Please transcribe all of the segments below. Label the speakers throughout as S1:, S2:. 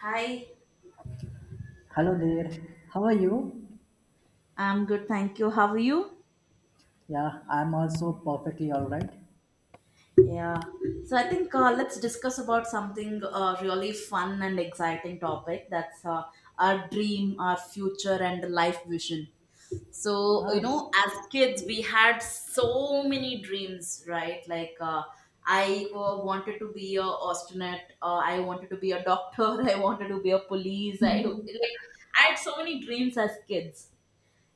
S1: Hi.
S2: Hello there. How are you?
S1: I'm good, thank you. How are you?
S2: Yeah, I'm also perfectly all right.
S1: Yeah. So I think let's discuss about something really fun and exciting topic. That's Our dream, our future, and life vision. So you
S2: Ah, s-
S1: know, as kids, we had so many dreams, right? I wanted to be a astronaut. I wanted to be a doctor. I wanted to be a police. I had so many dreams as kids.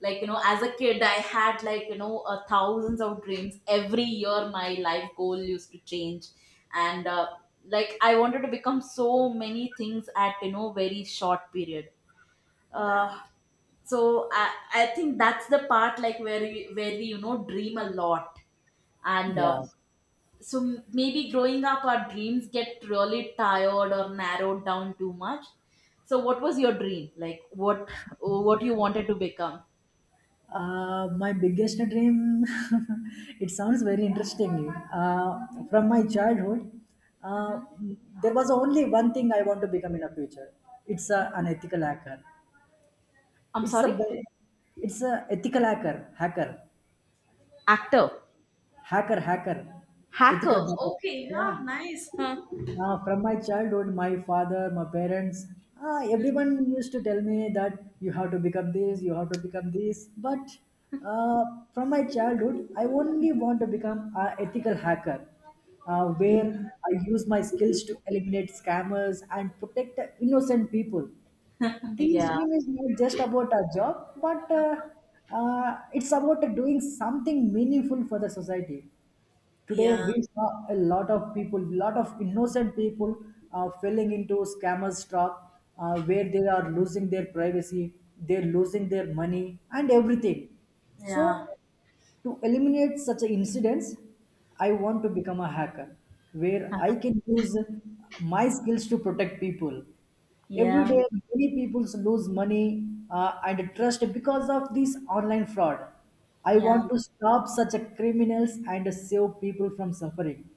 S1: Like you know, as a kid, I had, thousands of dreams. Every year my life goal used to change, and like I wanted to become so many things at, you know, very short period. uh, so I think that's the part, like, where we you know, dream a lot. And
S2: yeah.
S1: So maybe growing up our dreams get really tired or narrowed down too much. So what was your dream, like, what you wanted to become?
S2: My biggest dream, it sounds very interesting.
S1: Mhm.
S2: From my childhood, uh, there was only one thing I want to become in the future. An
S1: Mhm.
S2: ethical hacker.
S1: I'm
S2: It's a,
S1: sorry?
S2: ba- it's a ethical hacker, hacker,
S1: Actor.
S2: hacker, hacker, Ethical
S1: Hacker.
S2: hacker.
S1: Okay,
S2: Yeah.
S1: yeah, nice. Huh.
S2: From my childhood, my parents, everyone used to tell me that you have to pick up this, you have to pick up this. But uh, from my childhood, I only want to become an ethical hacker,
S1: Mhm.
S2: where I use my skills to eliminate scammers and protect the innocent people. This
S1: Yeah.
S2: dream is not just about a job, but it's about doing something meaningful for the society. Today
S1: Yeah,
S2: we saw a lot of innocent people falling into scammers trap, where they are losing their privacy, they're losing their money and everything. So
S1: yeah.
S2: to eliminate such a incidents, I want to become a hacker where I can use my skills to protect people. Every
S1: Yeah.
S2: day, many people lose money and trust because of this online fraud. I
S1: Yeah.
S2: want to stop such a criminals and save people from suffering.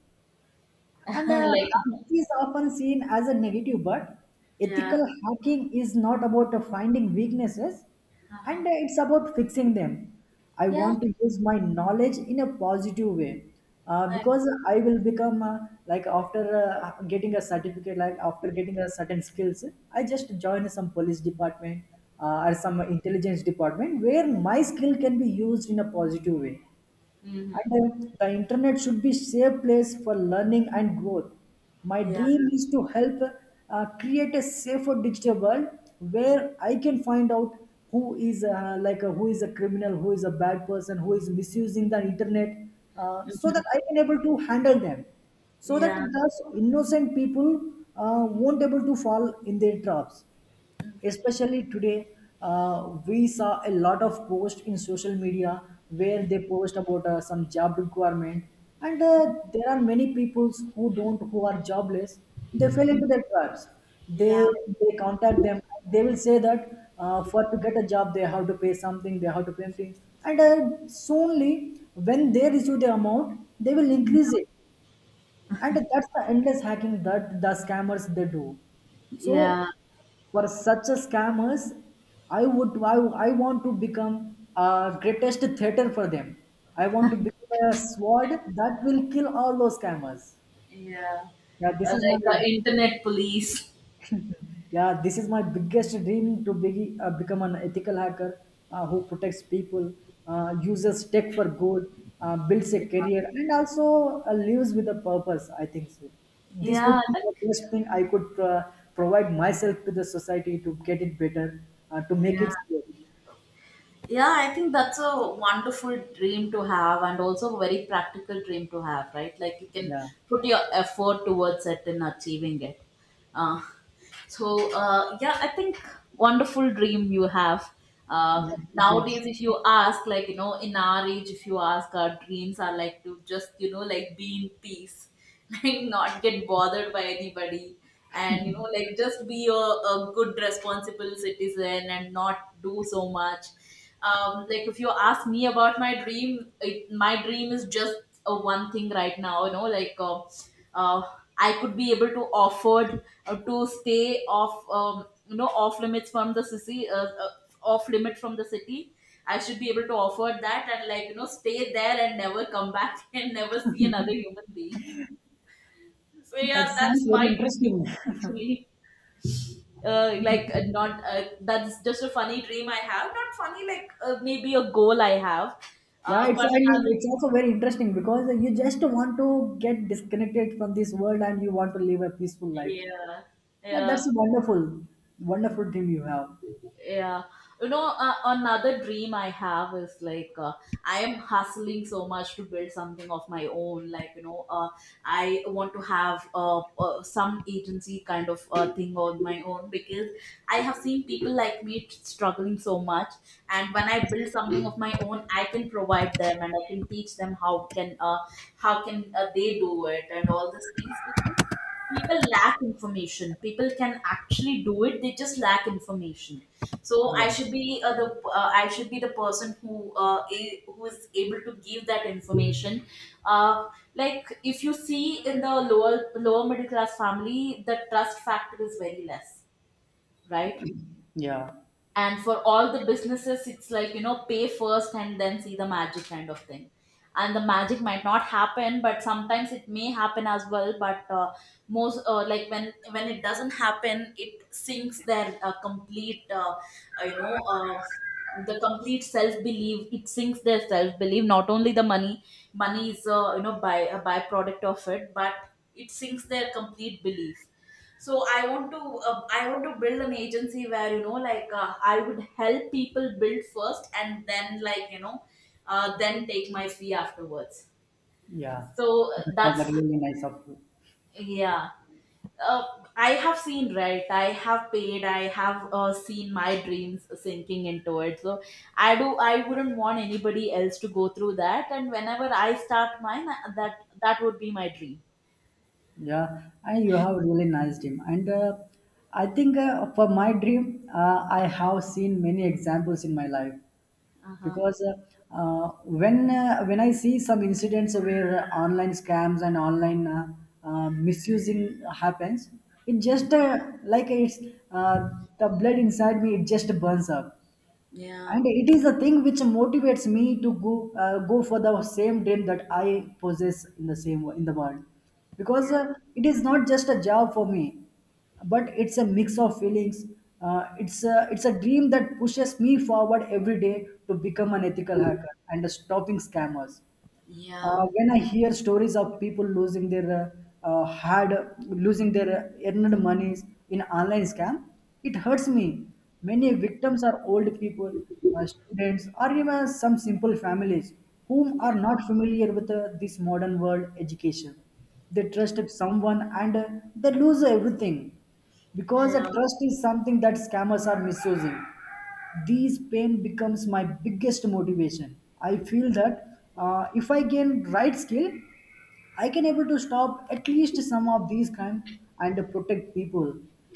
S2: And
S1: Like,
S2: Hacking is often seen as a negative, but
S1: yeah.
S2: ethical hacking is not about finding weaknesses,
S1: Uh-huh.
S2: and it's about fixing them. I
S1: Yeah.
S2: want to use my knowledge in a positive way,
S1: I.
S2: because I will become like after getting a certificate, like after getting a certain skills, I just join some police department, or some intelligence department where my skill can be used in a positive way.
S1: Hmm.
S2: And The internet should be safe place for learning and growth. My
S1: Yeah.
S2: dream is to help create a safer digital world where I can find out who is who is a criminal, who is a bad person, who is misusing the internet, so
S1: Mhm.
S2: that I can able to handle them, so that
S1: Yeah,
S2: thus innocent people won't able to fall in their traps, especially today. We saw a lot of posts in social media where they post about some job requirement, and there are many peoples who don't who are jobless. They fell into their traps. they
S1: yeah.
S2: they contact them. They will say that, for to get a job they have to pay something, they have to pay something. And soonly when they receive the amount they will increase it, and that's the endless hacking that the scammers they do. So
S1: Yeah.
S2: for such a scammers, i would i, I want to become a greatest theater for them. I want to become a sword that will kill all those scammers.
S1: Yeah.
S2: Yeah this is my
S1: Internet police.
S2: Yeah, this is my biggest dream to become an ethical hacker, who protects people, uses tech for good, builds
S1: Yeah.
S2: a career, and also lives with a purpose. I think so. This would
S1: Yeah.
S2: be
S1: Like,
S2: the best thing I could provide myself to the society to get it better, to make
S1: yeah.
S2: it safe.
S1: Yeah, I think that's a wonderful dream to have, and also a very practical dream to have, right? Like, you can
S2: Yeah,
S1: put your effort towards it in achieving it. Uh, so, yeah, I think wonderful dream you have.
S2: yeah, thank you.
S1: Nowadays, if you ask, like, you know, in our age, if you ask, our dreams are like to just, you know, like be in peace, like not get bothered by anybody, and, you know, like just be a good, responsible citizen and not do so much. Um, like, if you ask me about my dream, it, my dream is just a one thing right now, you know, uh, I could be able to afford to stay off, you know, off limits from the city, off limit from the city. I should be able to afford that, and, like, you know, stay there and never come back and never see another human being. So
S2: That
S1: yeah, that's
S2: sounds
S1: my
S2: very
S1: dream.
S2: interesting.
S1: Actually, not that's just a funny dream I have. Not funny, like, maybe a goal I have.
S2: Yeah, it's
S1: But
S2: I mean,
S1: another,
S2: it's also very interesting because you just want to get disconnected from this world and you want to live a peaceful life.
S1: yeah,
S2: Yeah,
S1: yeah.
S2: that's a wonderful team you have.
S1: Yeah. You know, another dream I have is I am hustling so much to build something of my own. Like, you know, I want to have some agency kind of thing on my own, because I have seen people like me struggling so much. And when I build something of my own, I can provide them and I can teach them how can they do it and all these things, because people lack information. People can actually do it, they just lack information. So i
S2: Yeah,
S1: should be uh, the I should be the person who who is able to give that information. Uh, like if you see in the lower lower middle class family, the trust factor is very less, right?
S2: yeah,
S1: And for all the businesses, it's like, you know, pay first and then see the magic kind of thing. And the magic might not happen, but sometimes it may happen as well. But uh, most uh, like, when it doesn't happen, it sinks their complete you know the complete self belief, it sinks their self belief, not only the money. Money is, you know, by a byproduct of it, but it sinks their complete belief. So I want to, I want to build an agency where, you know, like, I would help people build first and then, like, you know, then take my fee afterwards.
S2: yeah.
S1: So
S2: That was
S1: that's
S2: a really nice of you.
S1: yeah. Uh, I have seen, right? I have paid. I have seen my dreams sinking into it. So I do. I wouldn't want anybody else to go through that. And whenever I start mine, that that would be my dream.
S2: Yeah, and you have a really nice dream. And I think for my dream, I have seen many examples in my life.
S1: Uh huh.
S2: Because when When I see some incidents where online scams and online misusing happens, it just like it's uh, the blood inside me, it just burns up,
S1: Yeah.
S2: and it is a thing which motivates me to go for the same dream that I possess in the world.
S1: Yeah.
S2: Because It is not just a job for me, but it's a mix of feelings. It's a dream that pushes me forward every day to become an ethical hacker and a stopping scammers.
S1: Yeah.
S2: When I hear stories of people losing their uh, uh, hard, losing their earned monies in online scam, it hurts me. Many victims are old people, students, or even some simple families whom
S1: Yeah.
S2: are not familiar with this modern world education. They trust someone, and they lose everything, because
S1: Yeah.
S2: trust is something that scammers are misusing. These pain becomes my biggest motivation. I feel that if I gain right skill, I can able to stop at least some of these crime and protect people.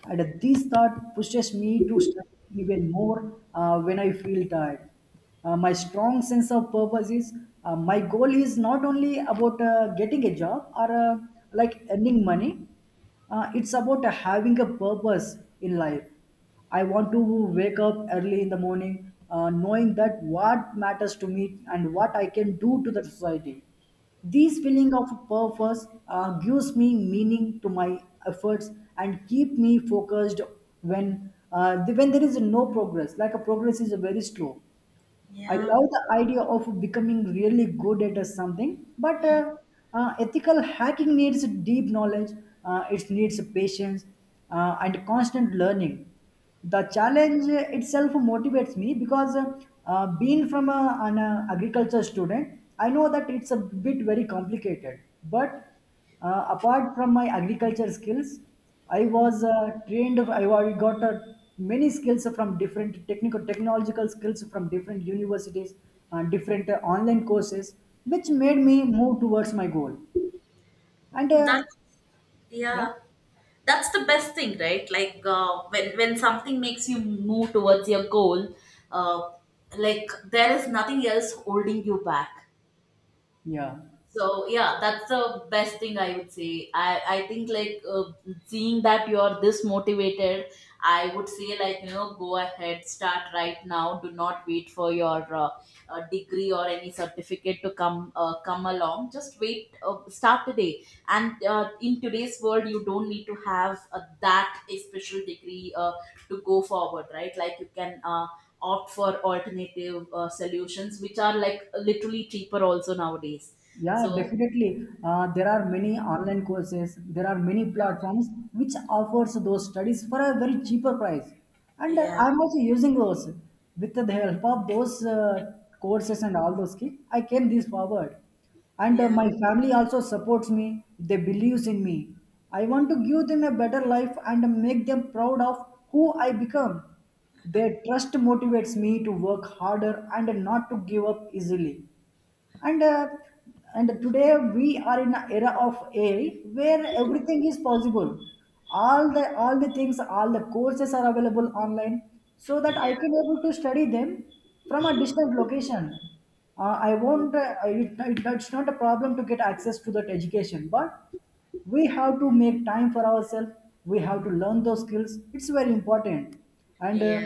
S2: And this thought pushes me to study even more when I feel tired. My strong sense of purpose is, my goal is not only about getting a job, or earning money. It's about having a purpose in life. I want to wake up early in the morning, knowing that what matters to me and what I can do to the society. This feeling of purpose gives me meaning to my efforts, and keep me focused when when there is no progress. Like a progress is very slow. I
S1: Yeah,
S2: love the idea of becoming really good at something, but ethical hacking needs deep knowledge, it needs patience, and constant learning. The challenge itself motivates me because being from an agriculture student, I know that it's a bit very complicated, but apart from my agriculture skills, I was trained. I wa- got many skills from different technical technological skills from different universities, different online courses, which made me move towards my goal. And
S1: that's
S2: yeah,
S1: yeah, that's the best thing, right? Like, when something makes you move towards your goal, uh, like, there is nothing else holding you back.
S2: yeah.
S1: So yeah, that's the best thing I would say. I think, like, seeing that you're this motivated, I would say, like, you know, go ahead, start right now. Do not wait for your degree or any certificate to come come along. Just wait, start today. And in today's world, you don't need to have that a special degree to go forward, right? Like, you can. Opt for alternative solutions which are, like, literally cheaper also nowadays.
S2: Yeah,
S1: So
S2: definitely. There are many online courses. There are many platforms which offers those studies for a very cheaper price, and
S1: yeah,
S2: I'm also using those. With the help of those courses and all those things, I came this forward, and
S1: yeah,
S2: my family also supports me. They believes in me. I want to give them a better life and make them proud of who I become. Their trust motivates me to work harder and not to give up easily, and uh, and today we are in an era of AI where everything is possible. All the things, all the courses are available online, so that I can able to study them from a distant location. I won't. It's not a problem to get access to that education, but we have to make time for ourselves. We have to learn those skills. It's very important, and
S1: yeah,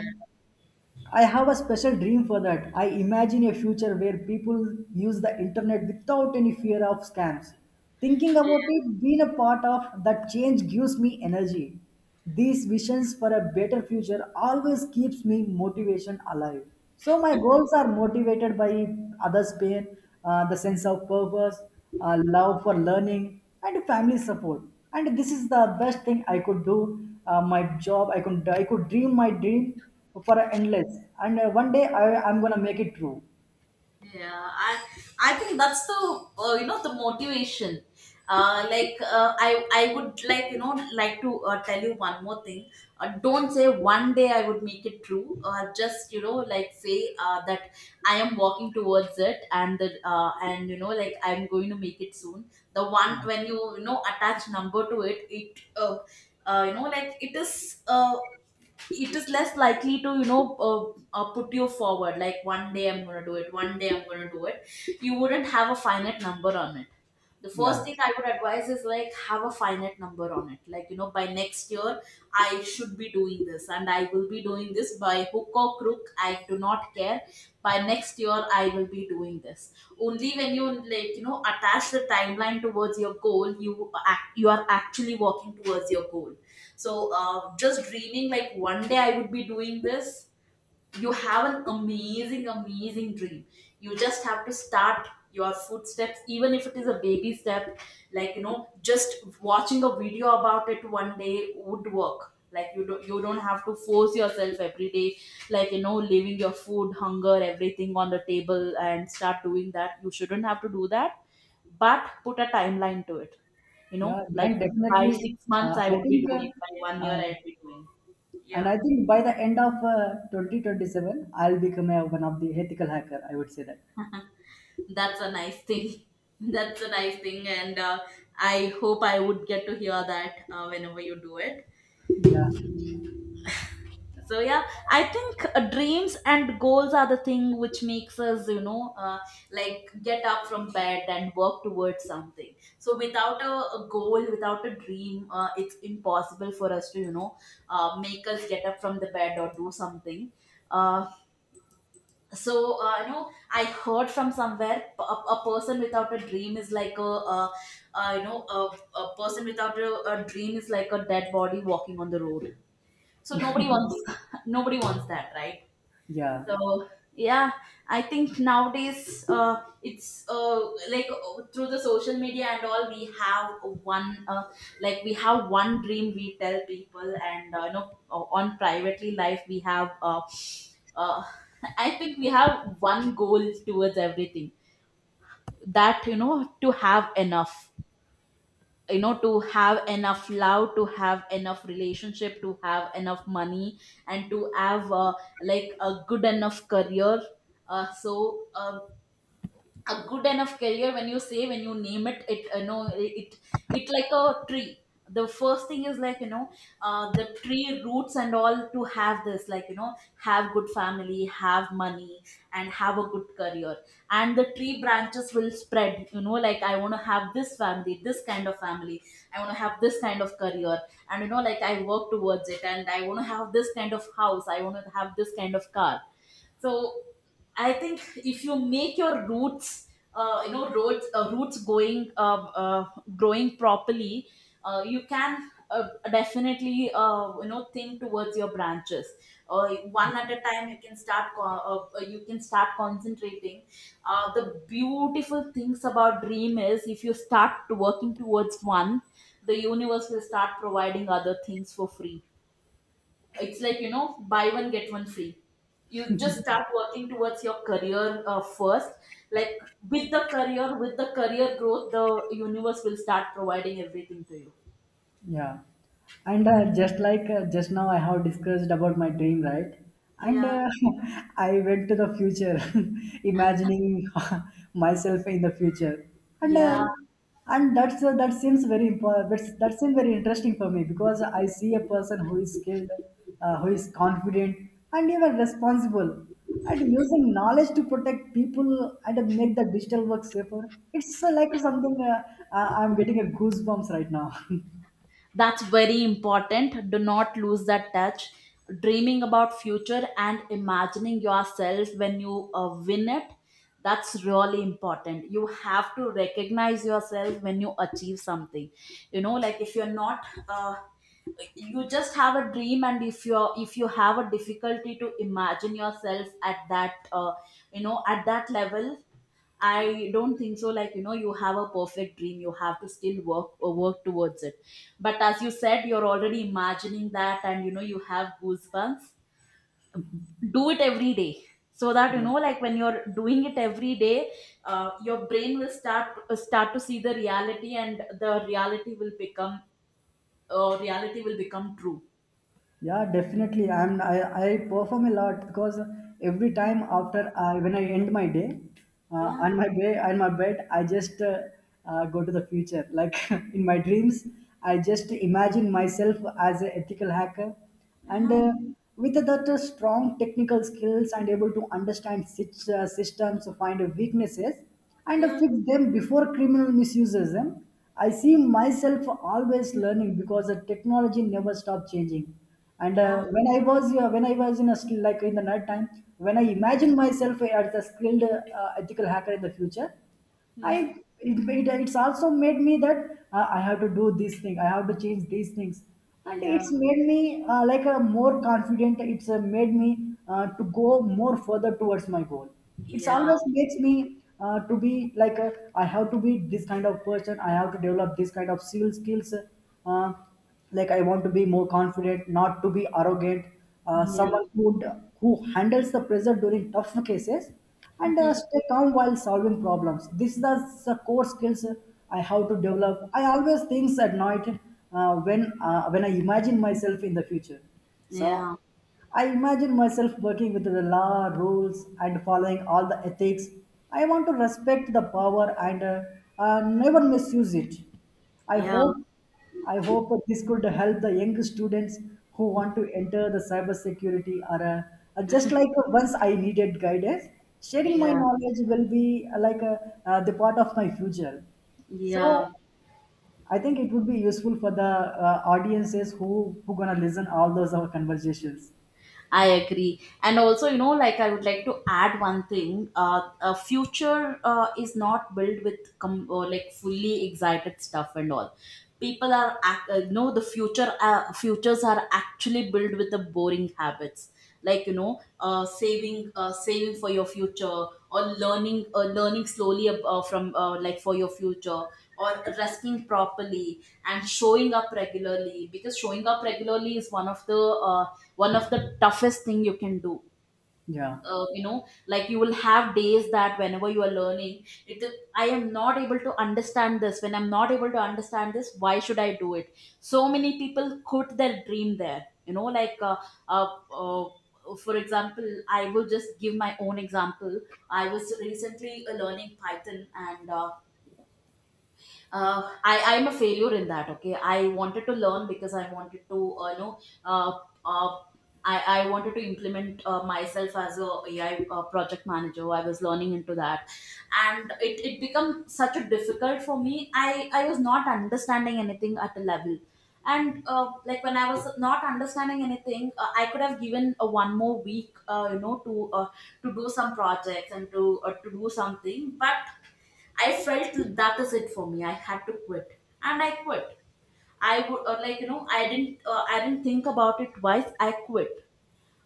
S2: I have a special dream for that. I imagine a future where people use the internet without any fear of scams. Thinking about it, being a part of that change gives me energy. These visions for a better future always keeps me motivation alive. So my goals are motivated by others' pain, the sense of purpose, love for learning, and family support. And this is the best thing I could do. My job, I could dream my dream for endless. And One day I I'm gonna make it true.
S1: yeah. I think that's the, you know, the motivation. I would like, you know, like, to tell you one more thing. Don't say one day I would make it true. Just, you know, like, say that I am walking towards it and the and you know, like, I'm going to make it soon. The
S2: Yeah,
S1: one when you know, attach number to it, you know, like, it is less likely to, you know, put you forward. Like, one day I'm going to do it, one day I'm going to do it, you wouldn't have a finite number on it. The first
S2: yeah,
S1: thing I would advise is, like, have a finite number on it. Like, you know, by next year I should be doing this, and I will be doing this by hook or crook, I do not care. By next year I will be doing this. Only when you, like, you know, attach the timeline towards your goal, you act, you are actually working towards your goal. So just dreaming, like, one day I would be doing this. You have an amazing amazing dream. You just have to start your footsteps, even if it is a baby step. Like, you know, just watching a video about it one day would work. Like, you don't have to force yourself every day, like, you know, leaving your food, hunger, everything on the table and start doing that. You shouldn't have to do that. But put a timeline to it. You
S2: yeah.
S1: know, like,
S2: Then
S1: by
S2: definitely,
S1: 6 months I would be doing, by one year
S2: uh,
S1: I'd be doing.
S2: and
S1: Yeah.
S2: I think by the end of 2027, I'll become one of the ethical hacker. I would say that.
S1: That's a nice thing, that's a nice thing. And I hope I would get to hear that whenever you do it.
S2: Yeah,
S1: So yeah, I think, dreams and goals are the thing which makes us, you know, like, get up from bed and work towards something. So without a, a goal, without a dream, it's impossible for us to, you know, make us get up from the bed or do something. Uh, so you know, I heard from somewhere, a person without a dream is like a, uh, you know, a person without a, a dream is like a dead body walking on the road. So nobody wants, nobody wants that, right?
S2: yeah.
S1: So yeah, I think nowadays it's like through the social media and all, we have one, like, we have one dream we tell people, and, you know, on privately life we have uh, I think we have one goal towards everything. That, you know, to have enough, you know, to have enough love, to have enough relationship, to have enough money, and to have, like, a good enough career. uh, so um, a good enough career, when you say, when you name it, it, you know, it like a tree. The first thing is, like, you know, the tree roots and all to have this, like, you know, have good family, have money, and have a good career. And the tree branches will spread, you know, like, I want to have this family, this kind of family, I want to have this kind of career. And, you know, like, I work towards it, and I want to have this kind of house, I want to have this kind of car. So I think if you make your roots, you know, roots, roots going, growing properly, you can definitely, you know, think towards your branches. One at a time, you can start. You can start concentrating. The beautiful things about dream is if you start working towards one, the universe will start providing other things for free. It's like, you know, buy one get one free. You just start working towards your career first, like with the career, with the career growth, the universe will start providing everything to you.
S2: Yeah, and just now, I have discussed about my dream, right? And
S1: Yeah.
S2: I went to the future, imagining myself in the future, and
S1: Yeah.
S2: uh, and that's that seems very important. That seems very interesting for me because I see a person who is skilled, who is confident, and even responsible, and using knowledge to protect people and make the digital work safer. It's like something I'm getting a goosebumps right now.
S1: That's very important, do not lose that touch. Dreaming about future and imagining yourself when you win it, that's really important. You have to recognize yourself when you achieve something. You know, like if you're not, uh, you just have a dream, and if you have a difficulty to imagine yourself at that, you know, at that level, I don't think so. Like, you know, you have a perfect dream, you have to still work or work towards it. But as you said, you're already imagining that, and you know, you have goosebumps. Do it every day, so that, you know, like when you're doing it every day, your brain will start to see the reality, and the reality will become, reality will become true.
S2: Yeah, definitely. I perform a lot because every time after I when I end my day,
S1: Yeah,
S2: on my bed I just go to the future. Like in my dreams, I just imagine myself as an ethical hacker, and
S1: yeah,
S2: with that strong technical skills and able to understand systems, find weaknesses, and
S1: yeah,
S2: fix them before criminal misuses them. I see myself always learning because the technology never stops changing, and
S1: yeah.
S2: uh, when i was uh, when I was in a skill like in the night time, when I
S1: Mhm.
S2: imagine myself as a skilled ethical hacker in the future,
S1: Mhm.
S2: I it's also made me that I have to do this thing, I have to change these things, and
S1: Yeah,
S2: it's made me like a more confident. It's made me to go more further towards my goal. It's
S1: yeah,
S2: always makes me to be like a, I have to be this kind of person. I have to develop this kind of skills. Uh, like I want to be more confident, not to be arrogant.
S1: yeah.
S2: Someone who handles the pressure during tough cases and
S1: Mhm.
S2: stay calm while solving problems. This is the core skills I have to develop. I always think at night when I imagine myself in the future. So
S1: Yeah,
S2: I imagine myself working with the law, rules, and following all the ethics. I want to respect the power and never misuse it. I
S1: yeah.
S2: hope I hope this could help the young students who want to enter the cybersecurity era. Just like once I needed guidance, sharing my
S1: Yeah,
S2: knowledge will be like a, the part of my future. So
S1: yeah,
S2: I think it would be useful for the audiences who gonna listen all those our conversations.
S1: I agree. And also, you know, like I would like to add one thing. A future is not built with or like fully excited stuff and all. No, the futures are actually built with the boring habits. Like, you know, saving, saving for your future, or learning, learning slowly ab- from like for your future, or resting properly and showing up regularly, because showing up regularly is one of the toughest thing you can do.
S2: Yeah.
S1: You know, like you will have days that whenever you are learning. I am not able to understand this. When I'm not able to understand this, why should I do it? So many people quit their dream there. You know, like, uh, uh, for example, I will just give my own example. I was recently learning Python, and I'm a failure in that. Okay, I wanted to learn because I wanted to you know, uh, uh, I wanted to implement myself as a AI project manager. I was learning into that, and it became such a difficult for me. I was not understanding anything at a level. And like when I was not understanding anything, I could have given a one more week, you know, to do some projects and to do something. But I felt that is it for me. I had to quit, and I quit. I would, or like, you know, I didn't think about it twice. I quit.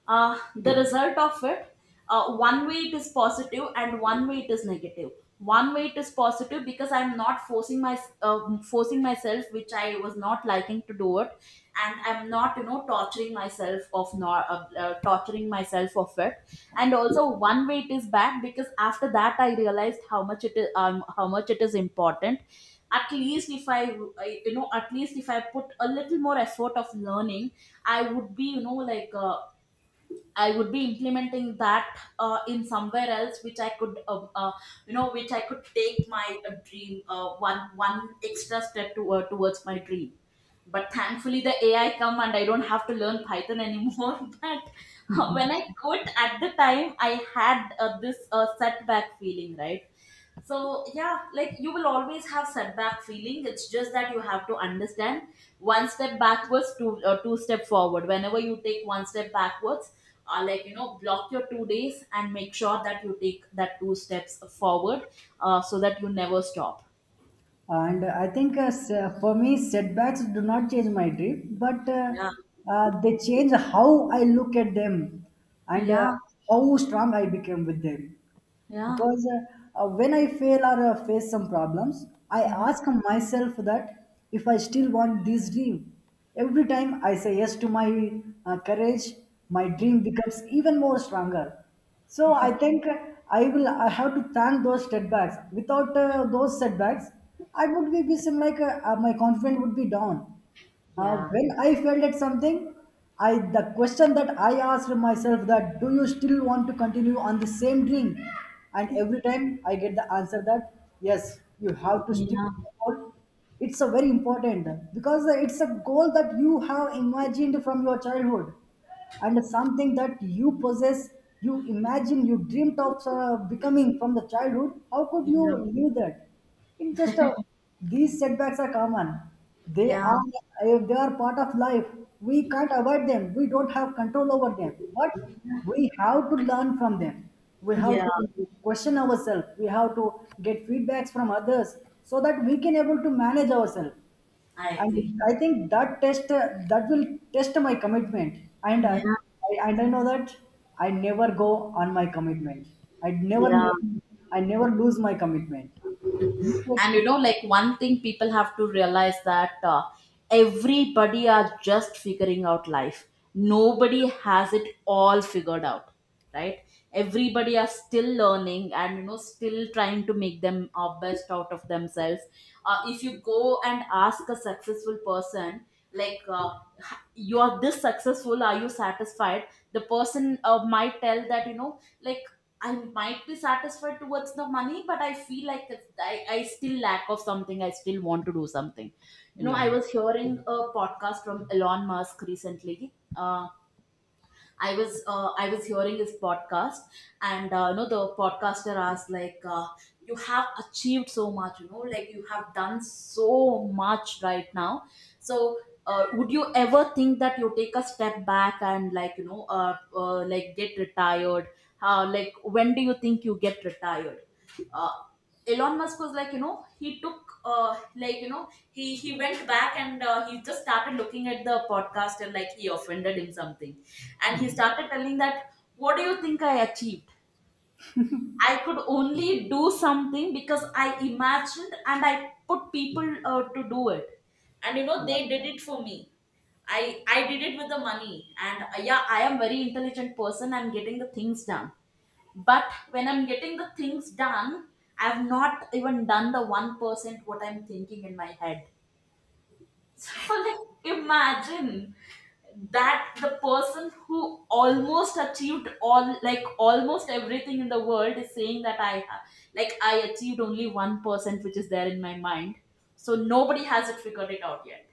S1: The result of it, one way it is positive, and one way it is negative. One way it is positive because I'm not forcing my, forcing myself, which I was not liking to do it, and I'm not, you know, torturing myself of not, torturing myself of it. And also, one way it is bad because after that I realized how much it is, how much it is important. At least if I, you know, at least if I put a little more effort of learning, I would be, you know, like, I would be implementing that in somewhere else, which I could, you know, which I could take my dream one extra step towards my dream. But thankfully, the AI come and I don't have to learn Python anymore. But when I quit at the time, I had this setback feeling, right? So yeah, like you will always have setback feeling. It's just that you have to understand, one step backwards, two step forward. Whenever you take one step backwards, like, you know, block your 2 days and make sure that you take that two steps forward, so that you never stop.
S2: And I think for me setbacks do not change my dream, but
S1: Yeah,
S2: they change how I look at them, and
S1: yeah,
S2: how strong I became with them,
S1: yeah.
S2: because when I fail or face some problems, I
S1: Mhm.
S2: ask myself that if I still want this dream. Every time I say yes to my courage, my dream becomes even more stronger. So I think I have to thank those setbacks. Without those setbacks, I would be some like my confidence would be down.
S1: Yeah,
S2: When I failed at something, I the question that I asked myself, that do you still want to continue on the same dream? And every time I get the answer that yes, you have to stick to
S1: yeah,
S2: the goal. It's a very important because it's a goal that you have imagined from your childhood and something that you possess. You dreamt of becoming from the childhood. How could you
S1: yeah,
S2: leave that in just a, these setbacks are common. They
S1: yeah,
S2: are If they are part of life, we can't avoid them, we don't have control over them, but we have to learn from them. We have
S1: yeah.
S2: to question ourselves. We have to get feedbacks from others so that we can able to manage ourselves.
S1: I agree.
S2: And I think that will test my commitment. And
S1: Yeah,
S2: uh, I know that I never go on my commitment. I never
S1: yeah.
S2: make, I never lose my commitment.
S1: And you
S2: Mistakes-
S1: know, like, one thing people have to realize, that everybody are just figuring out life, nobody has it all figured out, right? Everybody are still learning, and you know, still trying to make them best out of themselves. If you go and ask a successful person, like, you are this successful, are you satisfied? The person might tell that, you know, like, I might be satisfied towards the money, but I feel like I still lack of something, I still want to do something. You know, I
S2: Yeah,
S1: was hearing a podcast from Elon Musk recently. I was hearing his podcast, and you know, the podcaster asked like, "You have achieved so much, you know, like you have done so much right now. So, would you ever think that you take a step back and, like, you know, like, get retired? How, like, when do you think you get retired?" Uh, Elon Musk was like, you know, he took, like, you know, he went back and he just started looking at the podcast, and like, he offended him something, and he started telling that, "What do you think I achieved? I could only do something because I imagined and I put people to do it, and you know,
S2: yeah.
S1: they did it for me." I did it with the money, and yeah, I am very intelligent person. I'm getting the things done, but when I'm getting the things done, I've not even done the 1% what I'm thinking in my head. So like, imagine that the person who almost achieved all, like almost everything in the world, is saying that like, I achieved only 1% which is there in my mind. So nobody has it figured it out yet,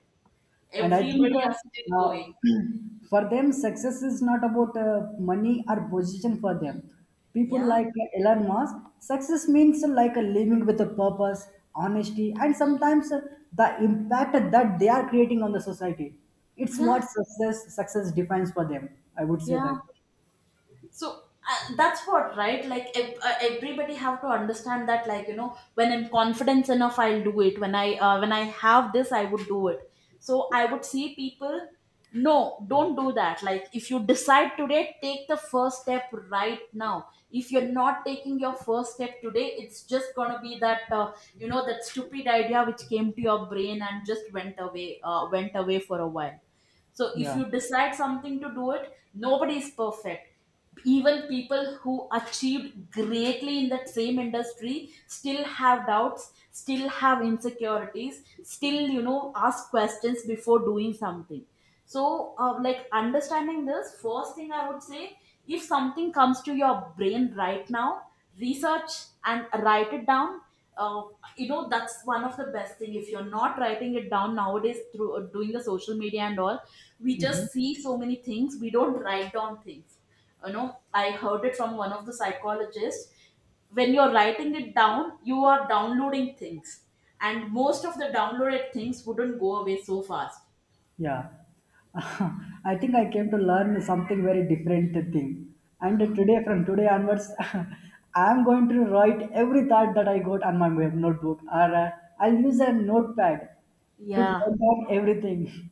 S2: And I think
S1: everybody are still going.
S2: for them, success is not about money or position for them. People
S1: Yeah,
S2: like Elon Musk, success means like a living with a purpose, honesty, and sometimes the impact that they are creating on the society. It's
S1: yeah,
S2: what success defines for them. I would say
S1: yeah.
S2: that.
S1: So that's what, right? Like, everybody have to understand that, like, you know, when I'm confident enough I'll do it, when I when I have this I would do it. So I would see people, no, don't do that. Like, if you decide today, take the first step right now. If you're not taking your first step today, it's just gonna be that, you know, that stupid idea which came to your brain and just went away, went away for a while. So if
S2: Yeah.
S1: you decide something to do it, nobody is perfect. Even people who achieved greatly in that same industry still have doubts, still have insecurities, still, you know, ask questions before doing something. So, like, understanding this, first thing I would say, if something comes to your brain right now, research and write it down. uh, you know, that's one of the best thing. If you're not writing it down nowadays through doing the social media and all, we just see so many things, we don't write down things. You know, I heard it from one of the psychologists, when you're writing it down you are downloading things, and most of the downloaded things wouldn't go away so fast.
S2: Yeah, I think I came to learn something very different thing. And today, from today onwards, I'm going to write every thought that I got on my web notebook, or I'll use a notepad to
S1: Yeah.
S2: note down everything.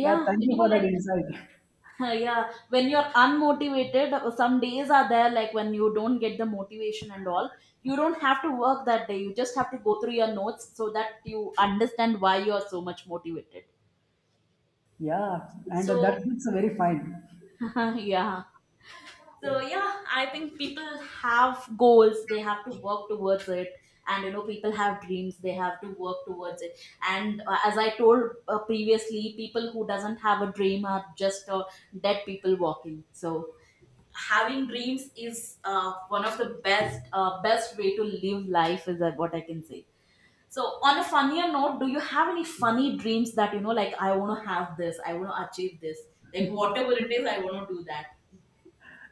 S2: Yeah, thank
S1: you
S2: you
S1: know,
S2: for that
S1: like,
S2: insight.
S1: yeah, when you're unmotivated, some days are there, like, when you don't get the motivation and all, you don't have to work that day, you just have to go through your notes so that you understand why you are so much motivated.
S2: Yeah, and
S1: So,
S2: that it's very fine.
S1: yeah, so yeah, I think people have goals, they have to work towards it, and you know, people have dreams, they have to work towards it. And as I told previously, people who doesn't have a dream are just, dead people walking. So, having dreams is one of the best way to live life, is that what I can say. So, on a funnier note, do you have any funny dreams that, you know, like, I want to have this, I want to achieve this, like, whatever it is, I want to do that.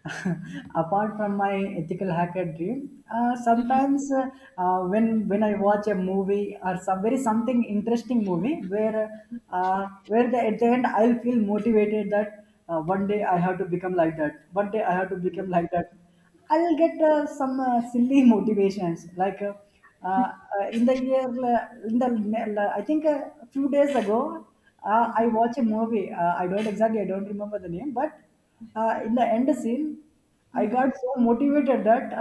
S2: Apart from my ethical hacker dream, sometimes when I watch a movie or some very something interesting movie where at the end I'll feel motivated that one day I have to become like that. One day I have to become like that. I'll get some silly motivations like uh, in the year uh, in the I think a few days ago I
S1: Mhm.
S2: watched a movie. I don't remember the name, but in the end scene, I
S1: Uh-huh.
S2: got so motivated that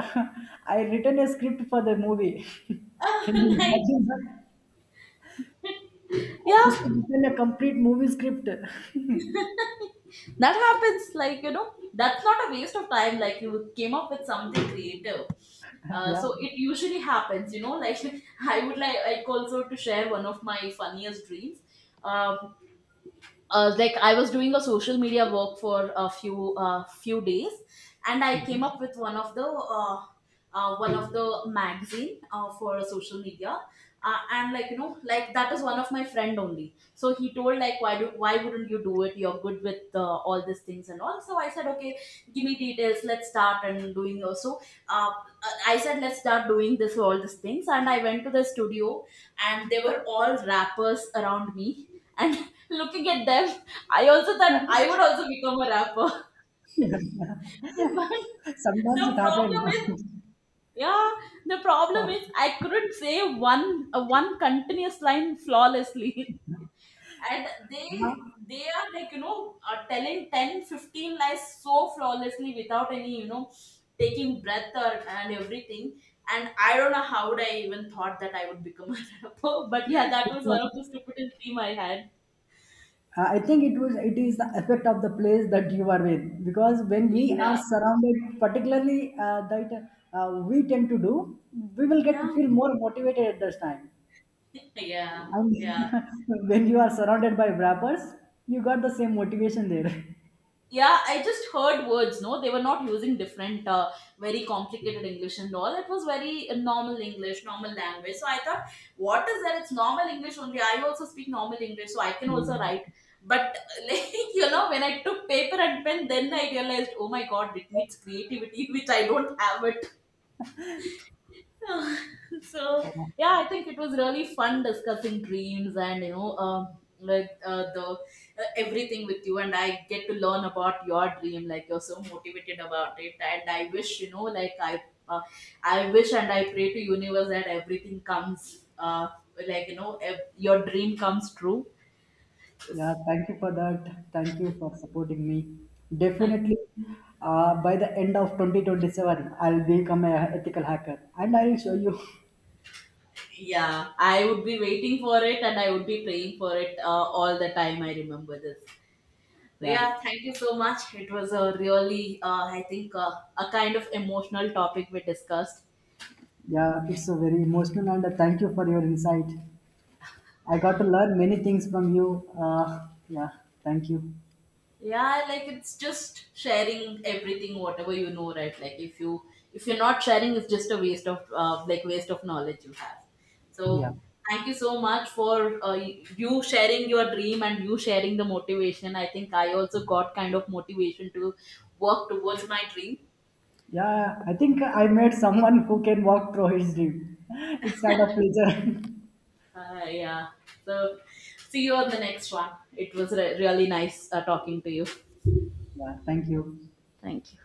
S2: I written a script for the movie. Can you
S1: Like,
S2: imagine that? I just
S1: yeah,
S2: written a complete movie script.
S1: that happens. Like, you know, that's not a waste of time, like, you came up with something creative.
S2: Yeah.
S1: So, it usually happens, you know, like, I would like also to share one of my funniest dreams. Um like, I was doing a social media work for a few days, and I came up with one of the one of the magazine for social media, and like, you know, like, that is one of my friend only. So he told like, why wouldn't you do it? You're good with all these things and all. So I said, okay, give me details. Let's start and doing so. Uh, I said, let's start doing this all these things, and I went to the studio, and they were all rappers around me, and looking at them, I also thought I would also become a rapper. But the
S2: Sometimes it
S1: problem is,
S2: happens.
S1: yeah, the problem is I couldn't say one continuous line flawlessly. And they are like, you know, telling 10, 15 lies so flawlessly without any, you know, taking breath or and everything. And I don't know how would I even thought that I would become a rapper. But
S2: Yeah.
S1: yeah, that was one of the stupidest dream I had.
S2: I think it is the effect of the place that you are in because when we are
S1: Yeah.
S2: surrounded, particularly that we tend to do, we will get
S1: Yeah.
S2: feel more motivated at this time.
S1: Yeah,
S2: And
S1: yeah.
S2: when you are surrounded by rappers, you got the same motivation there.
S1: Yeah, I just heard words, no? They were not using different, very complicated English and all. It was very normal English, normal language. So I thought, what is that? It's normal English only. I also speak normal English, so I can also
S2: Mm.
S1: write. But, like, you know, when I took paper and pen, then I realized, oh my God, it needs creativity, which I don't have it. So
S2: Oh,
S1: yeah, I think it was really fun discussing dreams and, you know, like, the everything with you, and I get to learn about your dream, like, you're so motivated about it, and I wish, you know, like, I, uh, I wish and I pray to universe that everything comes, like, you know, your dream comes true.
S2: yeah, thank you for that. Thank you for supporting me. Definitely, by the end of 2027, I'll become a ethical hacker and I'll show you.
S1: Yeah, I would be waiting for it, and I would be praying for it, all the time I remember this. So yeah,
S2: Yeah.
S1: thank you so much. It was a really, I think, a kind of emotional topic we discussed.
S2: Yeah, it's a very emotional and thank you for your insight. I got to learn many things from you. Yeah, thank you.
S1: Yeah, like, it's just sharing everything, whatever you know, right? Like, if you, if you're not sharing, it's just a waste of, like, waste of knowledge you have.
S2: Yeah.
S1: So, thank you so much for you sharing your dream and you sharing the motivation. I think I also got kind of motivation to work towards my dream.
S2: Yeah, I think I met someone who can walk through his dream. It's kind of pleasure.
S1: Yeah. So, see you on the next one. It was really nice talking to you.
S2: Yeah, thank you.
S1: Thank you.